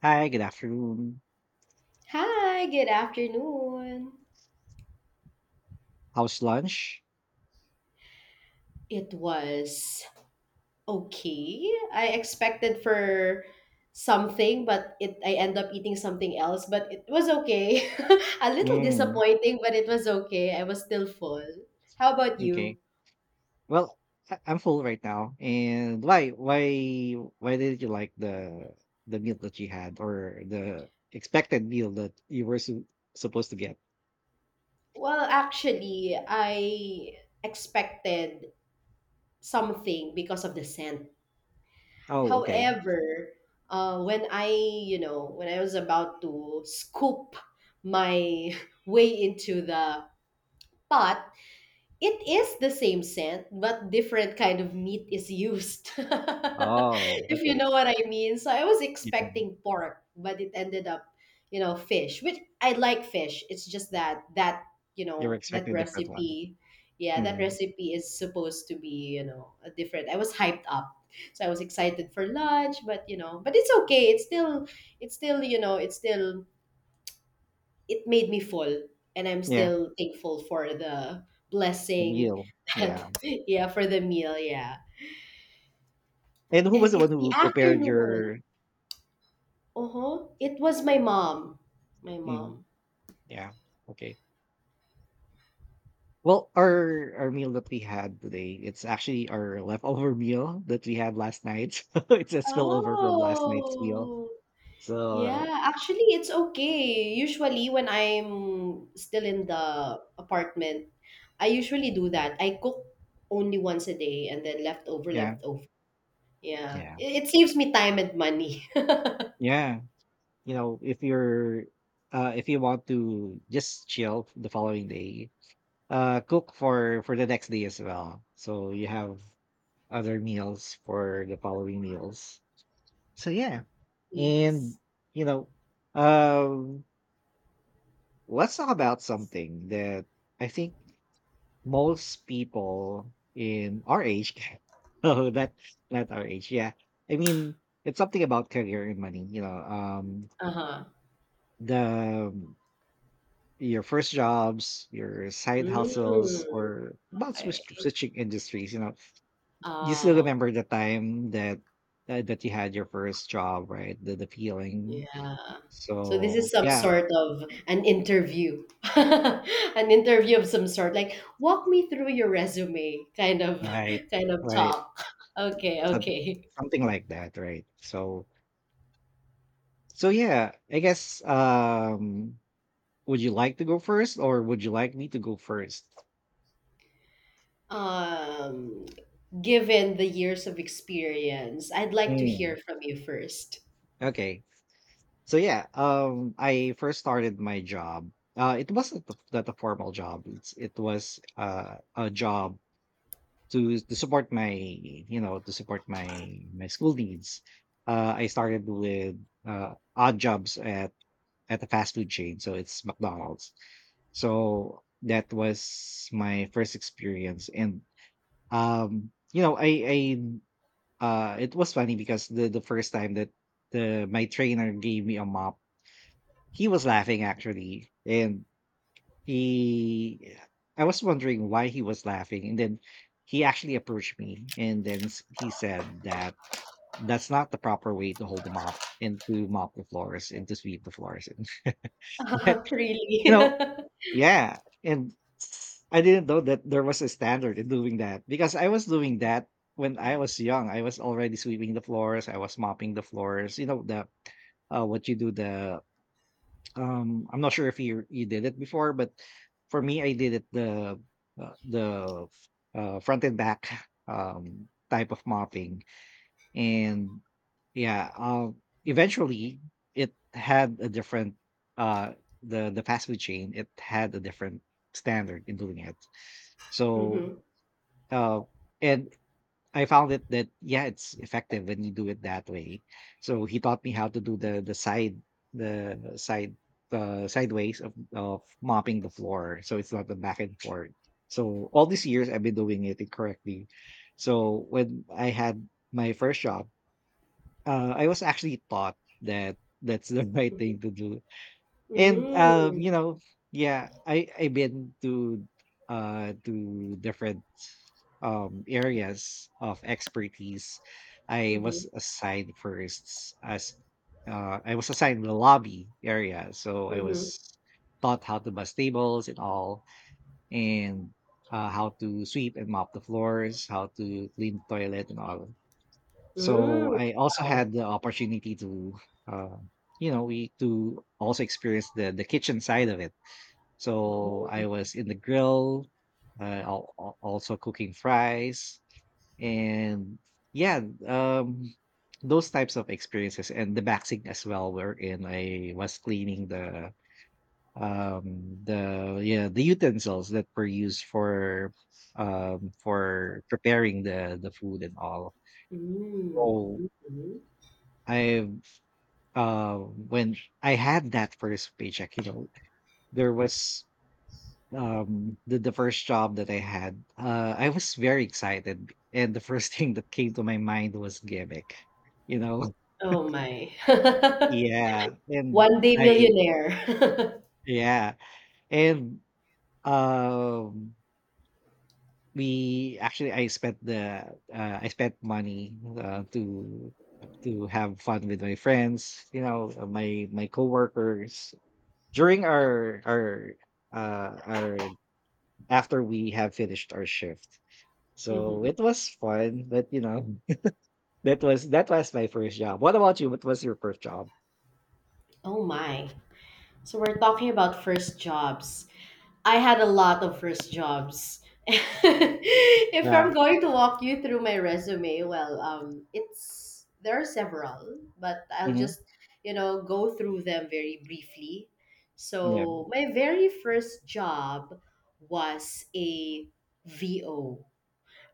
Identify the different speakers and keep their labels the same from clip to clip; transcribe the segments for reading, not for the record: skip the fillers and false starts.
Speaker 1: Hi, good afternoon.
Speaker 2: Hi, good afternoon.
Speaker 1: How's lunch?
Speaker 2: It was okay. I expected for something, but it I end up eating something else, but it was okay. A little
Speaker 1: Mm,
Speaker 2: disappointing, but it was okay. I was still full. How about
Speaker 1: okay.
Speaker 2: you?
Speaker 1: Well, I'm full right now. And why did you like the meal that you had or the expected meal that you were su supposed to get?
Speaker 2: Well, actually, I expected something because of the scent.
Speaker 1: Oh, okay.
Speaker 2: However, when I, when I was about to scoop my way into the But It is the same scent, but different kind of meat is used.
Speaker 1: Oh,
Speaker 2: If you
Speaker 1: okay.
Speaker 2: know what I mean. So I was
Speaker 1: Yeah,
Speaker 2: expecting pork, but it ended up, fish, which I like fish. It's just that,
Speaker 1: you were
Speaker 2: that
Speaker 1: expecting a different one.
Speaker 2: recipe, yeah, that
Speaker 1: Mm,
Speaker 2: recipe is supposed to be, a different. I was hyped up. So I was excited for lunch, but but it's okay. It's still, it's still, it made me fall, and I'm
Speaker 1: yeah,
Speaker 2: still thankful for the
Speaker 1: the
Speaker 2: blessing
Speaker 1: meal. Yeah.
Speaker 2: that yeah, for the meal, yeah.
Speaker 1: And who
Speaker 2: And
Speaker 1: was the
Speaker 2: it's
Speaker 1: one
Speaker 2: the
Speaker 1: who prepared
Speaker 2: afternoon.
Speaker 1: your?
Speaker 2: Uh-huh, it was my mom my
Speaker 1: Mm,
Speaker 2: mom
Speaker 1: yeah. Okay. Well, our meal that we had today, it's actually our leftover meal that we had last night. It's a spillover from last night's meal.
Speaker 2: Oh,
Speaker 1: So,
Speaker 2: yeah, actually it's okay. Usually when I'm still in the apartment, I usually do that. I cook only once a day, and then leftover,
Speaker 1: yeah.
Speaker 2: leftover, yeah.
Speaker 1: Yeah.
Speaker 2: It saves me time and money.
Speaker 1: Yeah. You know, if you're, if you want to just chill the following day, cook for the next day as well. So you have other meals for the following meals. So yeah.
Speaker 2: Yes.
Speaker 1: And you know, um let's talk about something that I think most people in our age, oh, that, not our age, yeah. I mean, it's something about career and money, you know. Um
Speaker 2: Uh-huh.
Speaker 1: the your first jobs, your side
Speaker 2: Mm.
Speaker 1: hustles, or about
Speaker 2: Okay.
Speaker 1: switching industries, you know. You still
Speaker 2: Oh,
Speaker 1: remember the time that, that you had your first job, right? The feeling.
Speaker 2: yeah. So this
Speaker 1: So
Speaker 2: is some
Speaker 1: yeah,
Speaker 2: sort of an interview, an interview of some sort. Like, walk me through your resume, kind of,
Speaker 1: right,
Speaker 2: kind of
Speaker 1: right.
Speaker 2: talk. Okay,
Speaker 1: Some-
Speaker 2: okay.
Speaker 1: Something like that, right? So yeah, I guess, would you like to go first or would you like me to go first?
Speaker 2: Um, Given the years of experience, I'd like to
Speaker 1: Mm.
Speaker 2: hear from you first.
Speaker 1: Okay. So yeah, I first started my job. It wasn't that a formal job. It was a job to support my, you know, to support my my school needs. I started with odd jobs at a fast food chain, so it's McDonald's. So that was my first experience. And you know, I it was funny because the first time that the my trainer gave me a mop, he was laughing actually. And he I was wondering why he was laughing, and then he actually approached me and then he said that that's not the proper way to hold a mop and to mop the floors and to sweep the floors. But you
Speaker 2: Really?
Speaker 1: know, yeah, and I didn't know that there was a standard in doing that because I was doing that when I was young. I was already sweeping the floors. I was mopping the floors. You know the, what you do the. I'm not sure if you did it before, but for me, I did it the, uh, the front and back type of mopping. And yeah uh, eventually it had a different, uh the fast food chain, it had a different standard in doing it. So,
Speaker 2: Mm-hmm.
Speaker 1: uh and I found it that yeah, it's effective when you do it that way. So he taught me how to do the sideways of mopping the floor, so it's not the back and forth. So all these years I've been doing it incorrectly. So when I had my first job, I was actually taught that that's the right
Speaker 2: Mm-hmm.
Speaker 1: thing to do. And
Speaker 2: Mm.
Speaker 1: you know, yeah, I've been to different areas of expertise. I
Speaker 2: Mm-hmm.
Speaker 1: was assigned first as, I was assigned the lobby area. So I
Speaker 2: Mm-hmm.
Speaker 1: was taught how to bus tables and all, and how to sweep and mop the floors, how to clean the toilet and all. So
Speaker 2: Mm.
Speaker 1: I also
Speaker 2: Wow.
Speaker 1: had the opportunity to, uh, you know, we to also experience the kitchen side of it. So I
Speaker 2: Oh.
Speaker 1: was in the grill, also cooking fries, and yeah, um, those types of experiences, and the boxing as well. Wherein I was cleaning the, the utensils that were used for, for preparing the food and all.
Speaker 2: Mm.
Speaker 1: So
Speaker 2: Mm-hmm.
Speaker 1: I when I had that first paycheck, you know, there was, the first job that I had, I was very excited and the first thing that came to my mind was gimmick, you know.
Speaker 2: Oh my.
Speaker 1: Yeah. And
Speaker 2: One day
Speaker 1: I
Speaker 2: millionaire.
Speaker 1: yeah. And um we actually I spent the, I spent money, to have fun with my friends, you know, my coworkers, during our after we have finished our shift. So
Speaker 2: Hmm.
Speaker 1: it was fun, but, you know, that was my first job. What about you? What was your first job?
Speaker 2: Oh my. So we're talking about first jobs. I had a lot of first jobs. If
Speaker 1: Yeah.
Speaker 2: I'm going to walk you through my resume, well, it's there are several, but I'll
Speaker 1: Mhm.
Speaker 2: just, go through them very briefly.
Speaker 1: Yeah.
Speaker 2: So my very first job was a VO.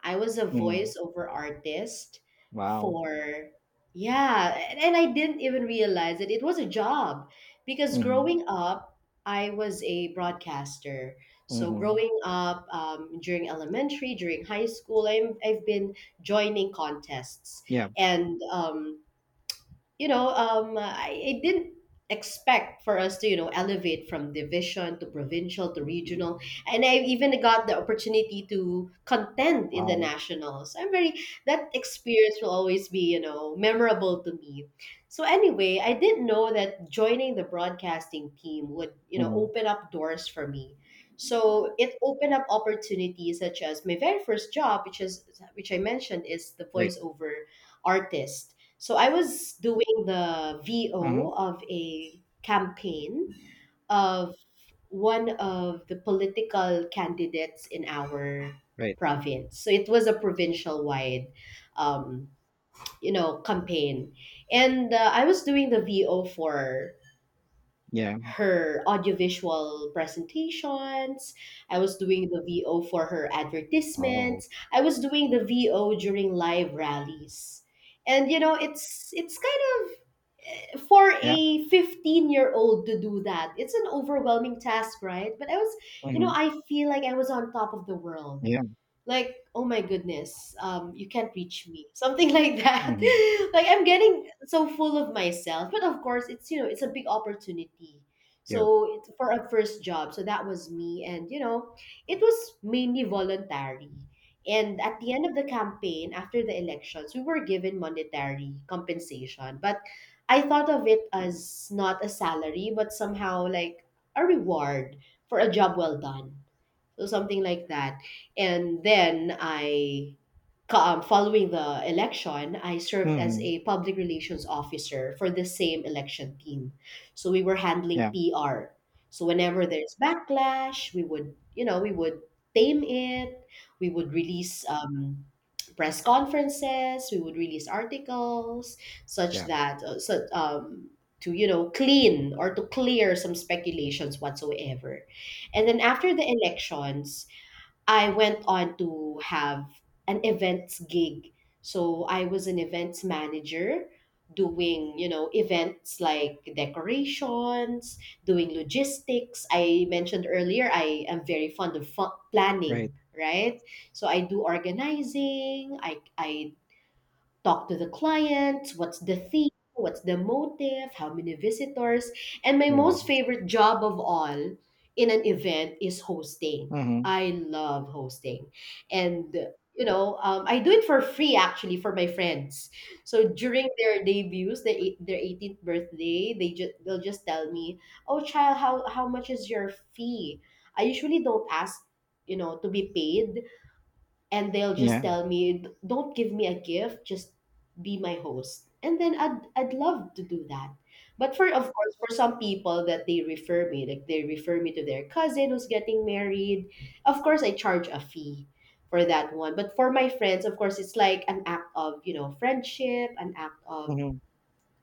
Speaker 2: I was a
Speaker 1: Mhm.
Speaker 2: voiceover artist
Speaker 1: Wow.
Speaker 2: for, yeah, and I didn't even realize that it was a job, because
Speaker 1: Mhm.
Speaker 2: growing up, I was a broadcaster. So
Speaker 1: Mhm.
Speaker 2: growing up, during elementary, during high school, I've been joining contests,
Speaker 1: Yeah.
Speaker 2: and I didn't expect for us to, elevate from division to provincial to regional. And I even got the opportunity to contend in the
Speaker 1: Wow.
Speaker 2: nationals. That experience will always be, memorable to me. So anyway, I didn't know that joining the broadcasting team would,
Speaker 1: Mhm.
Speaker 2: open up doors for me. So it opened up opportunities such as my very first job, which I mentioned is the
Speaker 1: Right.
Speaker 2: voiceover artist. So I was doing the
Speaker 1: Mhm.
Speaker 2: VO of a campaign of one of the political candidates in our
Speaker 1: Right.
Speaker 2: province. So it was a provincial wide, um, campaign, and I was doing the VO for
Speaker 1: Yeah.
Speaker 2: her audiovisual presentations. I was doing the VO for her
Speaker 1: Oh.
Speaker 2: advertisements. I was doing the VO during live rallies. And you know, it's kind of, for
Speaker 1: Yeah.
Speaker 2: a 15-year-old to do that, it's an overwhelming task, right? But I was,
Speaker 1: Mhm.
Speaker 2: I feel like I was on top of the world,
Speaker 1: Yeah.
Speaker 2: like oh my goodness, um, you can't reach me, something like that.
Speaker 1: Mhm.
Speaker 2: Like I'm getting so full of myself, but of course it's, it's a big opportunity.
Speaker 1: Yeah.
Speaker 2: So it's for a first job, so that was me. And you know, it was mainly voluntary, and at the end of the campaign, after the elections, we were given monetary compensation, but I thought of it as not a salary, but somehow like a reward for a job well done. So something like that. And then following the election, I served as
Speaker 1: Mhm.
Speaker 2: a public relations officer for the same election team. So we were handling
Speaker 1: Yeah.
Speaker 2: PR. So whenever there's backlash, we would, we would tame it. We would release, press conferences, we would release articles, such
Speaker 1: Yeah.
Speaker 2: that, to, clean or to clear some speculations whatsoever. And then after the elections, I went on to have an events gig. So I was an events manager doing, events like decorations, doing logistics. I mentioned earlier I am very fond of
Speaker 1: Right.
Speaker 2: planning, right? So I do organizing, I talk to the client, what's the theme, what's the motive, how many visitors. And my
Speaker 1: Yeah.
Speaker 2: most favorite job of all in an event is hosting.
Speaker 1: Mhm.
Speaker 2: I love hosting. And you know, I do it for free actually for my friends. So during their debuts, their their 18th birthday, they'll just tell me, "Oh, child, how much is your fee?" I usually don't ask, to be paid, and they'll just
Speaker 1: Yeah.
Speaker 2: tell me, don't give me a gift, just be my host. And then I'd love to do that. But for, of course, for some people, that they refer me, like they refer me to their cousin who's getting married, of course I charge a fee for that one. But for my friends, of course, it's like an act of, friendship, an act of
Speaker 1: Mhm.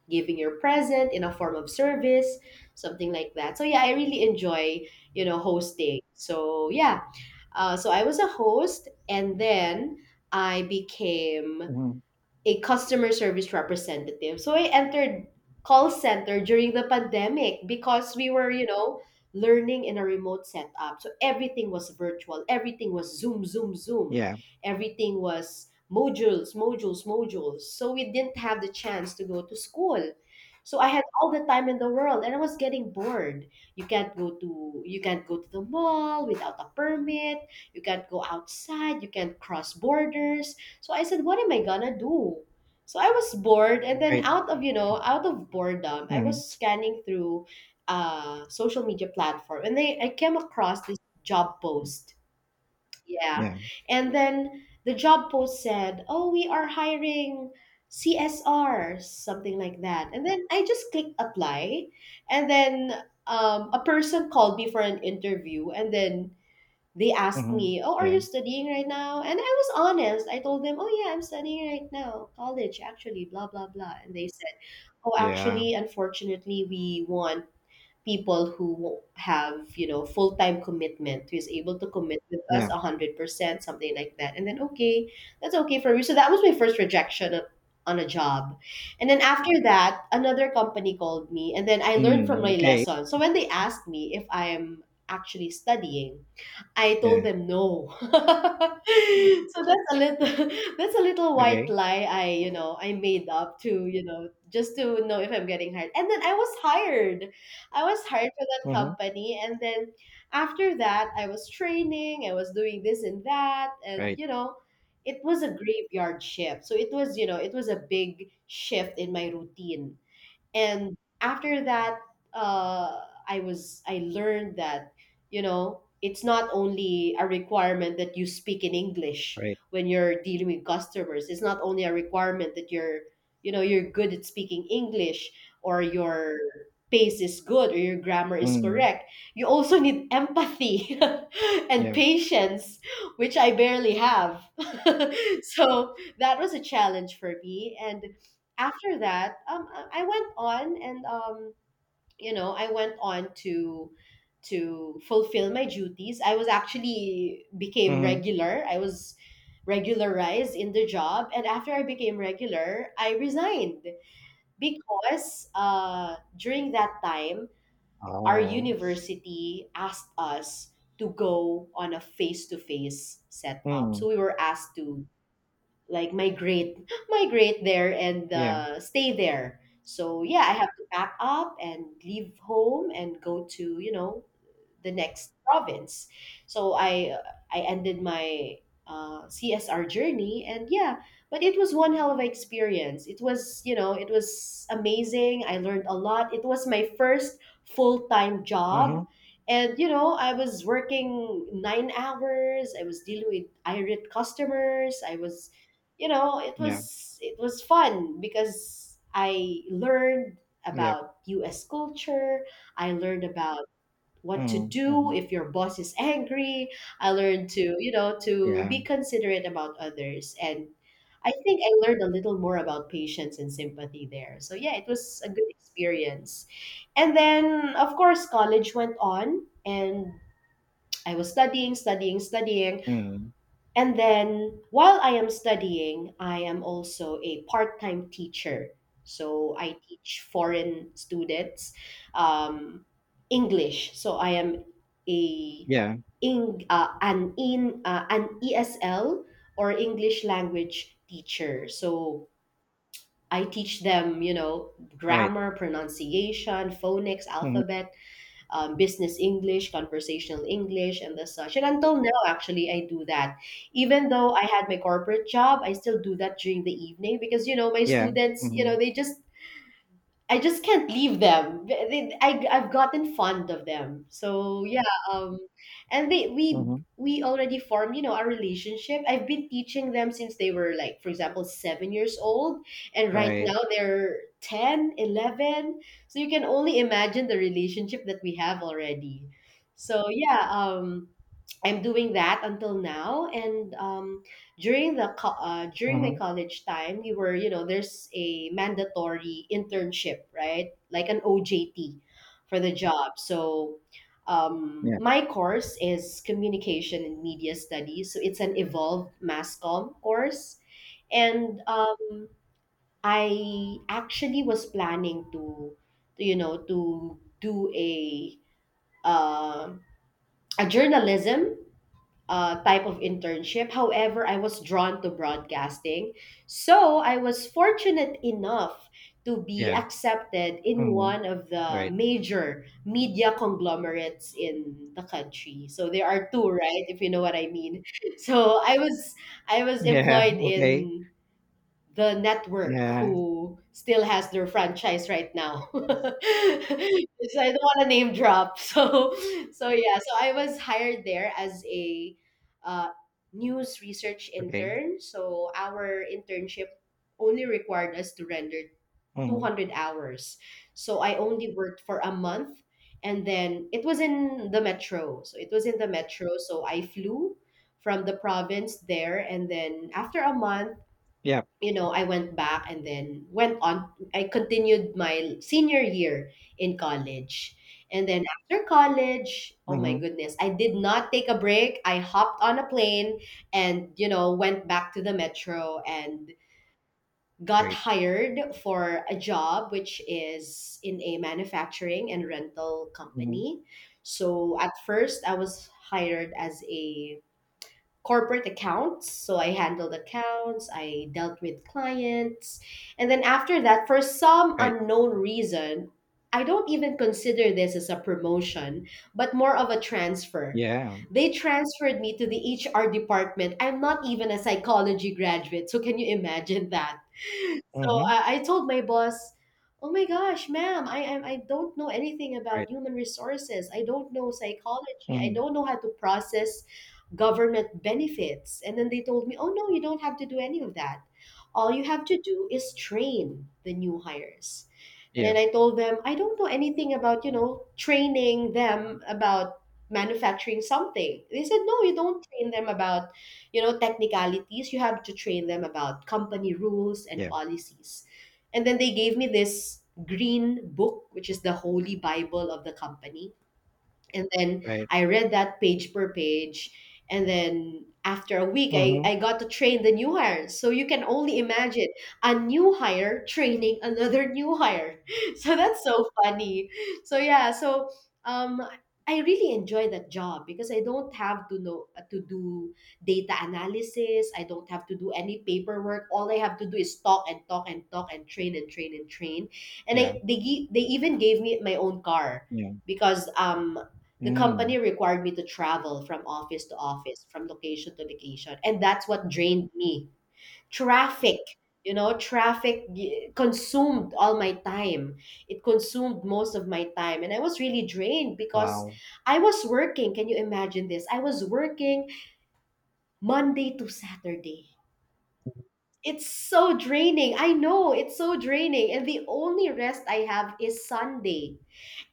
Speaker 2: giving your present in a form of service, something like that. So yeah, I really enjoy, hosting, so yeah. So I was a host, and then I became
Speaker 1: Mhm.
Speaker 2: a customer service representative. So I entered call center during the pandemic, because we were, learning in a remote setup. So everything was virtual. Everything was Zoom, Zoom, Zoom.
Speaker 1: Yeah.
Speaker 2: Everything was modules, modules, modules. So we didn't have the chance to go to school. So I had all the time in the world, and I was getting bored. You can't go to the mall without a permit. You can't go outside, you can't cross borders. So I said, what am I gonna do? So I was bored, and then
Speaker 1: Right.
Speaker 2: out of, out of boredom, I
Speaker 1: Mhm.
Speaker 2: was scanning through social media platform, and they I came across this job post. Yeah,
Speaker 1: Yeah.
Speaker 2: and then the job post said, "Oh, we are hiring CSR, something like that." And then I just clicked apply, and then a person called me for an interview, and then they asked
Speaker 1: Mhm.
Speaker 2: me, "Oh, are
Speaker 1: Yeah.
Speaker 2: you studying right now?" And I was honest. I told them, "Oh yeah, I'm studying right now, college actually, blah blah blah." And they said, "Oh,
Speaker 1: Yeah.
Speaker 2: actually, unfortunately, we want people who have, you know, full-time commitment, who is able to commit with us
Speaker 1: Yeah.
Speaker 2: 100%, something like that." And then okay, that's okay for me. So that was my first rejection on a job. And then after that, another company called me, and then I learned from
Speaker 1: Mm,
Speaker 2: my
Speaker 1: okay.
Speaker 2: lesson. So when they asked me if I am actually studying, I
Speaker 1: Yeah.
Speaker 2: told them no. So that's a little that's a little white
Speaker 1: Okay.
Speaker 2: lie I I made up to, just to know if I'm getting hired. And then I was hired. I was hired for that
Speaker 1: Mhm.
Speaker 2: company. And then after that, I was training, I was doing this and that. And,
Speaker 1: Right.
Speaker 2: you know, it was a graveyard shift. So it was, you know, it was a big shift in my routine. And after that, uh, I learned that, you know, it's not only a requirement that you speak in English
Speaker 1: Right.
Speaker 2: when you're dealing with customers. It's not only a requirement that you're, you're good at speaking English, or your pace is good, or your grammar is
Speaker 1: Mm.
Speaker 2: correct. You also need empathy and
Speaker 1: Yeah.
Speaker 2: patience, which I barely have. So that was a challenge for me. And after that, I went on, and I went on to fulfill my duties. I was actually became
Speaker 1: Mhm.
Speaker 2: regular. I was regularized in the job, and after I became regular, I resigned, because during that time, our
Speaker 1: Oh.
Speaker 2: university asked us to go on a face-to-face setup.
Speaker 1: Mm.
Speaker 2: So we were asked to like migrate there and
Speaker 1: Yeah.
Speaker 2: stay there. So yeah, I have to pack up and leave home and go to, the next province. So I ended my CSR journey, and yeah, but it was one hell of an experience. It was, you know, it was amazing. I learned a lot. It was my first full time job.
Speaker 1: Mhm.
Speaker 2: And you know, I was working 9 hours. I was dealing with irate customers. It
Speaker 1: Yeah.
Speaker 2: was, it was fun because I learned
Speaker 1: Yeah.
Speaker 2: about U.S. culture. I learned about what to
Speaker 1: Mhm.
Speaker 2: do
Speaker 1: Mhm.
Speaker 2: if your boss is angry. I learned to, to
Speaker 1: Yeah.
Speaker 2: be considerate about others. And I think I learned a little more about patience and sympathy there. So, yeah, it was a good experience. And then, of course, college went on, and I was studying, studying, studying.
Speaker 1: Mhm.
Speaker 2: And then while I am studying, I am also a part time teacher. So I teach foreign students um, English. So I am a
Speaker 1: Yeah.
Speaker 2: in, an in an ESL or English language teacher. So I teach them, you know,
Speaker 1: Right.
Speaker 2: grammar, pronunciation, phonics,
Speaker 1: Mhm.
Speaker 2: alphabet, business English, conversational English, and the such. And until now, actually, I do that. Even though I had my corporate job, I still do that during the evening because, you know, my
Speaker 1: Yeah.
Speaker 2: students, you know,
Speaker 1: Mhm.
Speaker 2: they just. I just can't leave them. I've gotten fond of them. So yeah, um, and they
Speaker 1: Mhm.
Speaker 2: we already formed, you know, a relationship. I've been teaching them since they were, like, for example, 7 years old, and right
Speaker 1: Right.
Speaker 2: now they're 10, 11. So you can only imagine the relationship that we have already. So yeah, I'm doing that until now. And during my
Speaker 1: Mhm.
Speaker 2: college time, we were, you know, there's a mandatory internship, right? Like an OJT for the job. So
Speaker 1: Yeah.
Speaker 2: my course is communication and media studies. So it's an evolved mass comm course, and I actually was planning to, to do uh, a journalism type of internship. However, I was drawn to broadcasting. So I was fortunate enough to be
Speaker 1: Yeah.
Speaker 2: accepted in
Speaker 1: Mhm.
Speaker 2: one of the
Speaker 1: Right.
Speaker 2: major media conglomerates in the country. So there are two, right? If you know what I mean. So I was I was
Speaker 1: Yeah.
Speaker 2: employed
Speaker 1: Okay.
Speaker 2: in the network
Speaker 1: Yeah.
Speaker 2: who still has their franchise right now. So I don't want to name drop. So yeah, so I was hired there as a uh, news research
Speaker 1: Okay.
Speaker 2: intern. So our internship only required us to render
Speaker 1: Mhm.
Speaker 2: 200 hours. So I only worked for a month, and then it was in the metro. So it was in the metro, so I flew from the province there, and then after a month,
Speaker 1: Yeah.
Speaker 2: you know, I went back and then went on. I continued my senior year in college. And then after college, oh my
Speaker 1: Mhm.
Speaker 2: goodness, I did not take a break. I hopped on a plane and, you know, went back to the metro and got
Speaker 1: Right.
Speaker 2: hired for a job, which is in a manufacturing and rental
Speaker 1: Mhm.
Speaker 2: company. So at first, I was hired as a corporate accounts. So I handled accounts, I dealt with clients. And then after that, for some
Speaker 1: Right.
Speaker 2: unknown reason, I don't even consider this as a promotion, but more of a transfer.
Speaker 1: Yeah.
Speaker 2: They transferred me to the HR department. I'm not even a psychology graduate, so can you imagine that? So
Speaker 1: Mhm.
Speaker 2: I told my boss, "Oh my gosh, ma'am, I don't know anything
Speaker 1: Right.
Speaker 2: about human resources. I don't know psychology. I
Speaker 1: Mhm.
Speaker 2: don't know how to process government benefits." And then they told me, "Oh no, you don't have to do any of that. All you have to do is train the new hires." And
Speaker 1: Yeah.
Speaker 2: then I told them, "I don't know anything about, you know, training them about manufacturing something." They said, "No, you don't train them about, you know, technicalities. You have to train them about company rules and
Speaker 1: Yeah.
Speaker 2: policies," and then they gave me this green book, which is the holy bible of the company, and then
Speaker 1: Right.
Speaker 2: I read that page per page. And then after a week, I,
Speaker 1: Mhm.
Speaker 2: I got to train the new hire. So you can only imagine a new hire training another new hire. So that's so funny. So yeah, so um, I really enjoy that job because I don't have to know to do data analysis. I don't have to do any paperwork. All I have to do is talk and talk and talk and train and train and train. And
Speaker 1: Yeah.
Speaker 2: they even gave me my own car
Speaker 1: Yeah.
Speaker 2: because the
Speaker 1: Mm.
Speaker 2: company required me to travel from office to office, from location to location. And that's what drained me. Traffic, you know, consumed all my time. It consumed most of my time. And I was really drained because
Speaker 1: Wow.
Speaker 2: I was working. Can you imagine this? I was working Monday to Saturday. It's so draining. I know it's so draining. And the only rest I have is Sunday.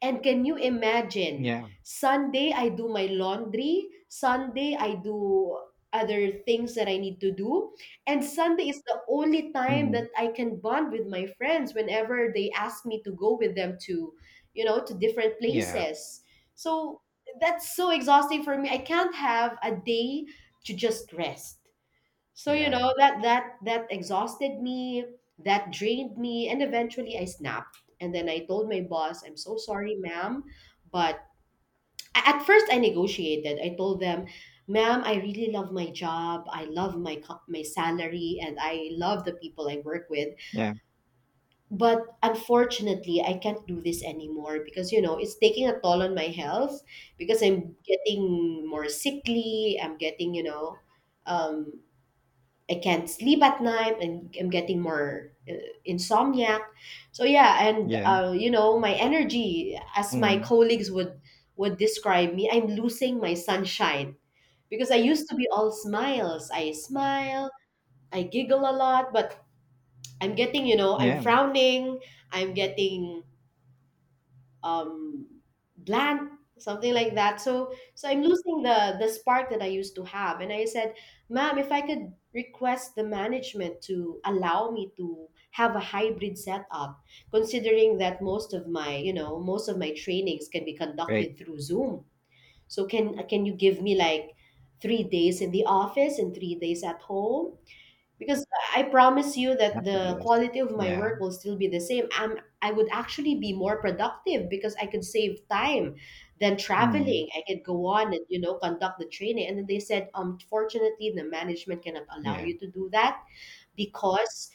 Speaker 2: And can you imagine?
Speaker 1: Yeah.
Speaker 2: Sunday, I do my laundry. Sunday, I do other things that I need to do. And Sunday is the only time
Speaker 1: Mhm.
Speaker 2: that I can bond with my friends whenever they ask me to go with them to, you know, to different
Speaker 1: Yeah.
Speaker 2: places. So that's so exhausting for me. I can't have a day to just rest. So, you
Speaker 1: Yeah.
Speaker 2: know, that exhausted me, that drained me, and eventually I snapped. And then I told my boss, "I'm so sorry, ma'am, but," at first I negotiated. I told them, "Ma'am, I really love my job. I love my my salary, and I love the people I work with.
Speaker 1: Yeah.
Speaker 2: But unfortunately, I can't do this anymore because, you know, it's taking a toll on my health because I'm getting more sickly. I'm getting, you know." Um, I can't sleep at night, and I'm getting more insomniac. So yeah, and
Speaker 1: Yeah.
Speaker 2: you know, my energy, as my
Speaker 1: Mm.
Speaker 2: colleagues would, describe me, I'm losing my sunshine because I used to be all smiles. I smile, I giggle a lot, but I'm getting, you know, I'm
Speaker 1: Yeah.
Speaker 2: frowning, I'm getting um, bland, something like that. So I'm losing the spark that I used to have, and I said, "Ma'am, if I could request the management to allow me to have a hybrid setup, considering that most of my, you know, most of my trainings can be
Speaker 1: Right.
Speaker 2: conducted through Zoom, so can you give me like 3 days in the office and 3 days at home, because I promise you that
Speaker 1: Actually,
Speaker 2: the
Speaker 1: yes.
Speaker 2: quality of my
Speaker 1: Yeah.
Speaker 2: work will still be the same. I would actually be more productive because I could save time than
Speaker 1: Mm.
Speaker 2: traveling. I could go on and, you know, conduct the training." And then they said, "Fortunately, the management cannot allow
Speaker 1: Yeah.
Speaker 2: you to do that because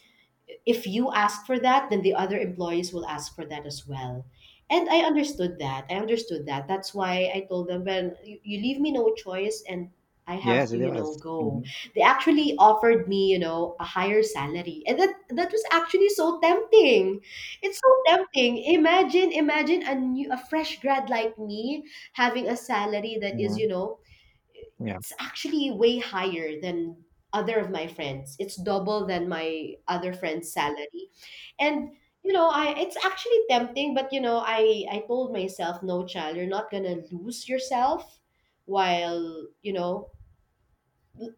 Speaker 2: if you ask for that, then the other employees will ask for that as well." And I understood that. I understood that. That's why I told them, "Well, you leave me no choice," and I have
Speaker 1: Yes, it
Speaker 2: to, you
Speaker 1: was.
Speaker 2: know,
Speaker 1: Does.
Speaker 2: go.
Speaker 1: Mhm.
Speaker 2: They actually offered me, you know, a higher salary. And that was actually so tempting. It's so tempting. Imagine, imagine a fresh grad like me having a salary that is,
Speaker 1: Mhm.
Speaker 2: you know,
Speaker 1: Yeah.
Speaker 2: it's actually way higher than other of my friends. It's double than my other friend's salary. And, you know, I it's actually tempting, but, you know, I told myself, "No, child, you're not gonna lose yourself while, you know,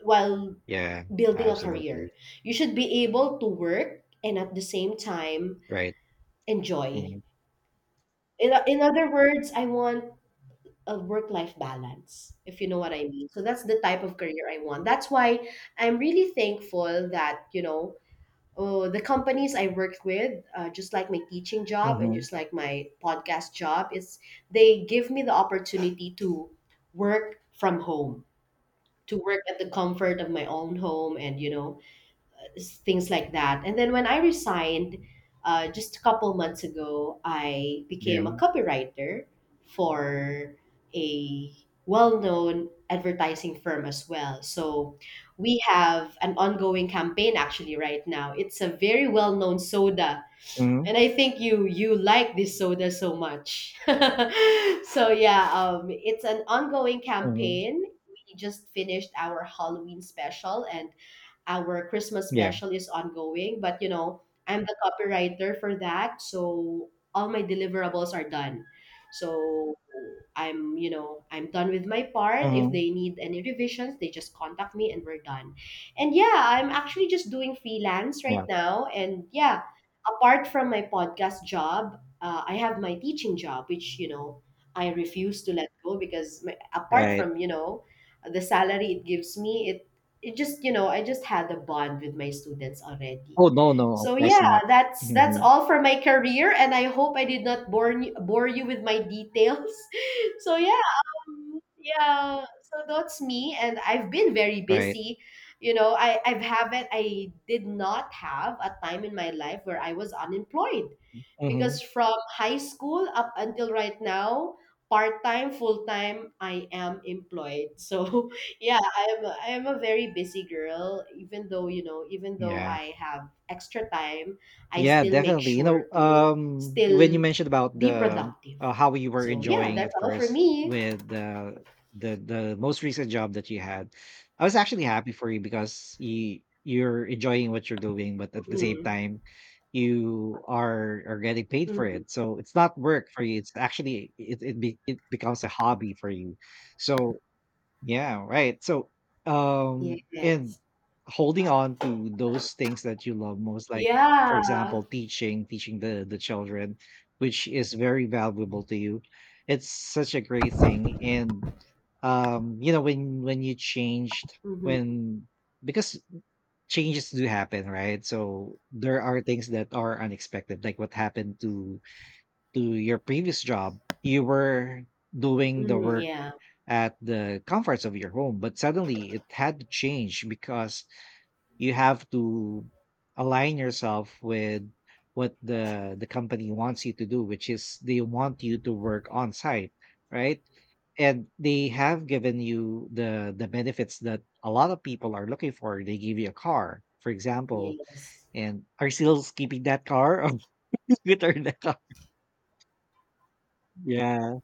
Speaker 2: while
Speaker 1: Yeah.
Speaker 2: building a
Speaker 1: Absolutely.
Speaker 2: career. You should be able to work and at the same time
Speaker 1: Right.
Speaker 2: enjoy."
Speaker 1: Mhm.
Speaker 2: In other words, I want a work life balance, if you know what I mean. So that's the type of career I want. That's why I'm really thankful that, you know, oh, the companies I worked with, just like my teaching job and
Speaker 1: Mhm.
Speaker 2: just like my podcast job, is they give me the opportunity to work from home, to work at the comfort of my own home and, you know, things like that. And then when I resigned just a couple months ago, I
Speaker 1: Yeah.
Speaker 2: became a copywriter for a well known advertising firm as well. So we have an ongoing campaign actually right now. It's a very well known soda.
Speaker 1: Mhm.
Speaker 2: And I think you like this soda so much. So yeah, it's an ongoing
Speaker 1: Mhm.
Speaker 2: campaign. We just finished our Halloween special, and our Christmas
Speaker 1: Yeah.
Speaker 2: special is ongoing, but, you know, I'm the copywriter for that, so all my deliverables are done. So I'm, you know, I'm done with my part. If
Speaker 1: Mhm.
Speaker 2: they need any revisions, they just contact me and we're done. And yeah, I'm actually just doing freelance right
Speaker 1: Yeah.
Speaker 2: now. And yeah, apart from my podcast job, I have my teaching job, which, you know, I refuse to let go because my, apart
Speaker 1: Right.
Speaker 2: from, you know, the salary it gives me, it just, you know, I just had a bond with my students already.
Speaker 1: Oh no, no, of
Speaker 2: So
Speaker 1: course
Speaker 2: yeah,
Speaker 1: not.
Speaker 2: that's
Speaker 1: Mhm.
Speaker 2: all for my career, and I hope I did not bore you with my details. So yeah, yeah, so that's me, and I've been very
Speaker 1: Right.
Speaker 2: busy, you know. I did not have a time in my life where I was unemployed,
Speaker 1: Mhm.
Speaker 2: because from high school up until right now, part-time full-time, I am employed. So yeah, I am I am a very busy girl. Even though, you know, even though
Speaker 1: Yeah,
Speaker 2: I have extra time, I
Speaker 1: Yeah,
Speaker 2: still make
Speaker 1: definitely. You know,
Speaker 2: sure to
Speaker 1: when you
Speaker 2: still
Speaker 1: mentioned about
Speaker 2: be
Speaker 1: the,
Speaker 2: productive.
Speaker 1: how you were
Speaker 2: So yeah,
Speaker 1: enjoying
Speaker 2: that's
Speaker 1: at
Speaker 2: all for
Speaker 1: first
Speaker 2: me.
Speaker 1: with the most recent job that you had, I was actually happy for you because you're enjoying what you're doing, but at the same
Speaker 2: hmm
Speaker 1: time, you are getting paid for
Speaker 2: hmm
Speaker 1: it. So it's not work for you. It's actually, it becomes a hobby for you. So yeah, right. So, and
Speaker 2: Yes.
Speaker 1: holding on to those things that you love most, like, for
Speaker 2: Yeah.
Speaker 1: example, teaching the children, which is very valuable to you. It's such a great thing. And you know, when you changed,
Speaker 2: hmm
Speaker 1: when because changes do happen, right? So there are things that are unexpected, like what happened to, your previous job. You were doing the work
Speaker 2: Yeah.
Speaker 1: at the comforts of your home, but suddenly it had to change because you have to align yourself with what the company wants you to do, which is they want you to work on site, right? And they have given you the benefits that a lot of people are looking for. They give you a car, for example.
Speaker 2: Yes.
Speaker 1: And are you still keeping that car or return the car? Yeah.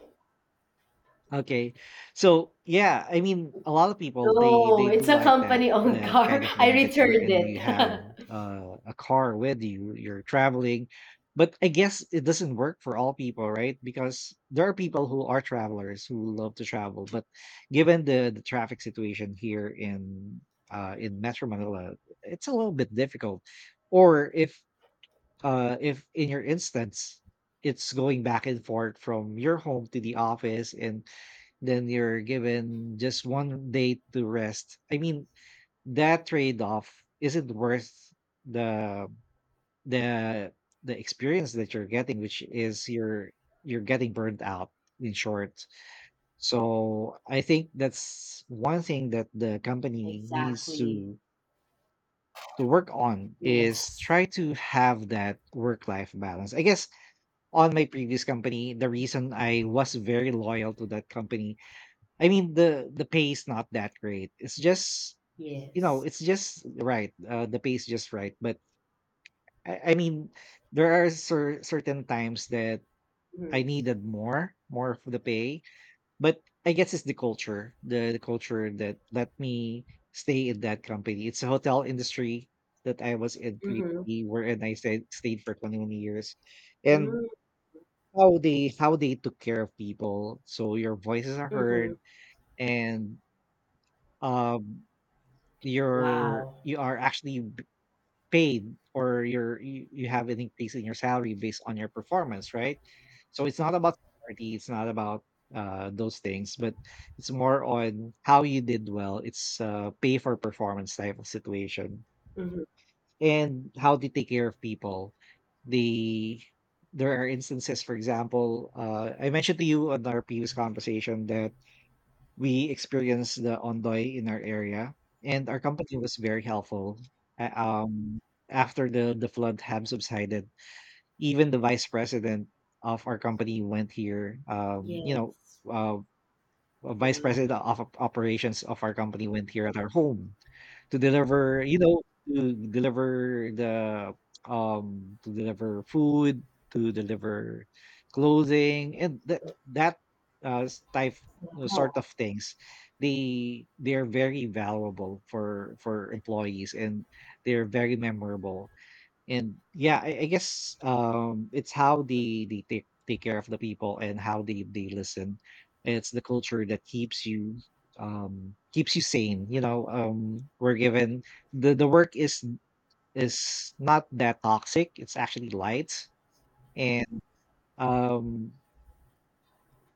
Speaker 1: Okay. So yeah, I mean, a lot of people, they
Speaker 2: No,
Speaker 1: they do
Speaker 2: it's a
Speaker 1: like that
Speaker 2: company-owned
Speaker 1: that kind
Speaker 2: car.
Speaker 1: of
Speaker 2: I
Speaker 1: benefit
Speaker 2: returned
Speaker 1: wherein you have,
Speaker 2: it.
Speaker 1: a car with you, you're traveling. But I guess it doesn't work for all people, right? Because there are people who are travelers who love to travel, but given the traffic situation here in, in Metro Manila, it's a little bit difficult. Or if, in your instance, it's going back and forth from your home to the office, and then you're given just one day to rest. I mean, that trade-off isn't worth the the the experience that you're getting, which is you're getting burnt out, in short. So I think that's one thing that the company needs
Speaker 2: Exactly.
Speaker 1: to work on, is
Speaker 2: Yes.
Speaker 1: try to have that work life balance. I guess on my previous company, the reason I was very loyal to that company, I mean, the pay is not that great. It's just, you know,
Speaker 2: Yes.
Speaker 1: it's just right. The pay is just right. But I mean, there are certain times that I
Speaker 2: Mm-hmm.
Speaker 1: needed more for the pay. But I guess it's the culture, the culture, that let me stay in that company. It's a hotel industry that I was in
Speaker 2: Mm-hmm.
Speaker 1: previously, wherein I stayed for 21 years, and
Speaker 2: Mm-hmm.
Speaker 1: how they took care of people, so your voices are
Speaker 2: Mm-hmm.
Speaker 1: heard. And um
Speaker 2: Wow.
Speaker 1: you are actually paid, or you have an increase in your salary based on your performance, right? So it's not about seniority, it's not about, those things, but it's more on how you did well. It's, pay for performance type of situation,
Speaker 2: Mm-hmm.
Speaker 1: and how they take care of people. They There are instances, for example, I mentioned to you on our previous conversation that we experienced the Ondoy in our area, and our company was very helpful. Uh, Um, After the flood had subsided, even the vice president of our company went here. You know,
Speaker 2: Yes.
Speaker 1: uh, vice
Speaker 2: Wow.
Speaker 1: president of operations of our company went here at our home to deliver, you know, to deliver the, to deliver food, to deliver clothing, and that, s- type sort
Speaker 2: Wow.
Speaker 1: of things. They're very valuable for employees, and they're very memorable. And yeah, I guess, it's how they take care of the people, and how they listen. It's the culture that keeps you sane, you know. We're given, the work is not that toxic, it's actually light. And um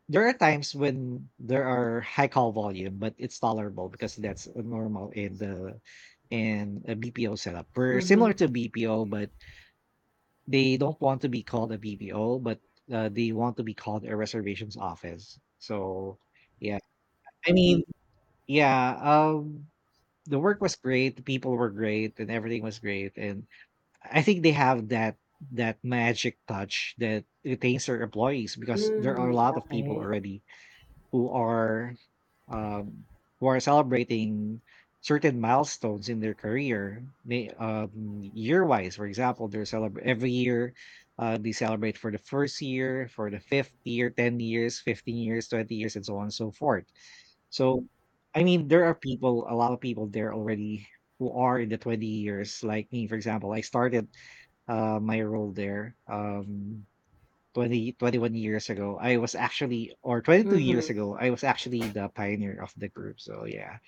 Speaker 1: there are times when there are high call volume, but it's tolerable because that's normal in the in a BPO setup. We're similar
Speaker 2: Mhm.
Speaker 1: to BPO, but they don't want to be called a BPO. But, they want to be called a reservations office. So, yeah. I mean, yeah, um, the work was great, the people were great, and everything was great. And I think they have that magic touch that retains their employees, because there are a
Speaker 2: Mm,
Speaker 1: lot of people
Speaker 2: okay.
Speaker 1: already who are, um, who are celebrating certain milestones in their career, year-wise. For example, they're every year, they celebrate for the first year, for the fifth year, 10 years, 15 years, 20 years, and so on and so forth. So, I mean, there are people, a lot of people there already who are in the 20 years, like me. For example, I started my role there. 20 21 years ago, I was actually, or 22 years
Speaker 2: Mhm.
Speaker 1: ago, I was actually the pioneer of the group. So yeah.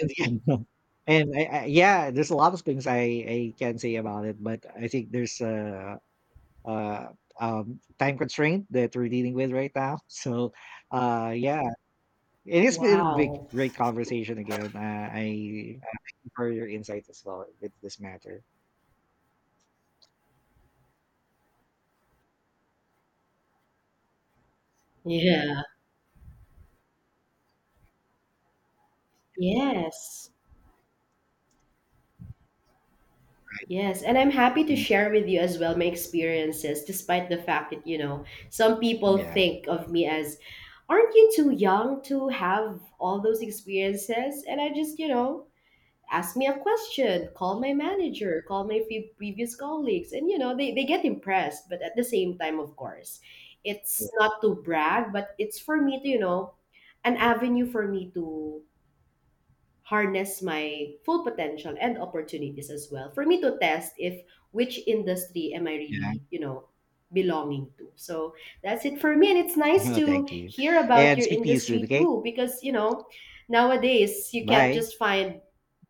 Speaker 1: And yeah, and there's a lot of things I can say about it, but I think there's a, time constraint that we're dealing with right now. So, yeah, it has been a big,
Speaker 2: Wow.
Speaker 1: great conversation again. I, thank you for your insights as well with this matter.
Speaker 2: Yeah. Yes. Yes. And I'm happy to
Speaker 1: Mm.
Speaker 2: share with you as well my experiences, despite the fact that, you know, some people
Speaker 1: Yeah.
Speaker 2: think of me as, "Aren't you too young to have all those experiences?" And I just, you know, ask me a question, call my manager, call my few previous colleagues, and you know they get impressed, but at the same time, of course,
Speaker 1: Yeah.
Speaker 2: it's not to brag, but it's for me to, you know, an avenue for me to harness my full potential, and opportunities as well for me to test if which industry am I really, you know, belonging to. So that's it for me, and it's nice
Speaker 1: Yeah.
Speaker 2: to
Speaker 1: Thank you.
Speaker 2: hear about
Speaker 1: And
Speaker 2: your
Speaker 1: speak to you soon.
Speaker 2: industry
Speaker 1: Okay.
Speaker 2: too, because you know, nowadays you can't
Speaker 1: Bye.
Speaker 2: just find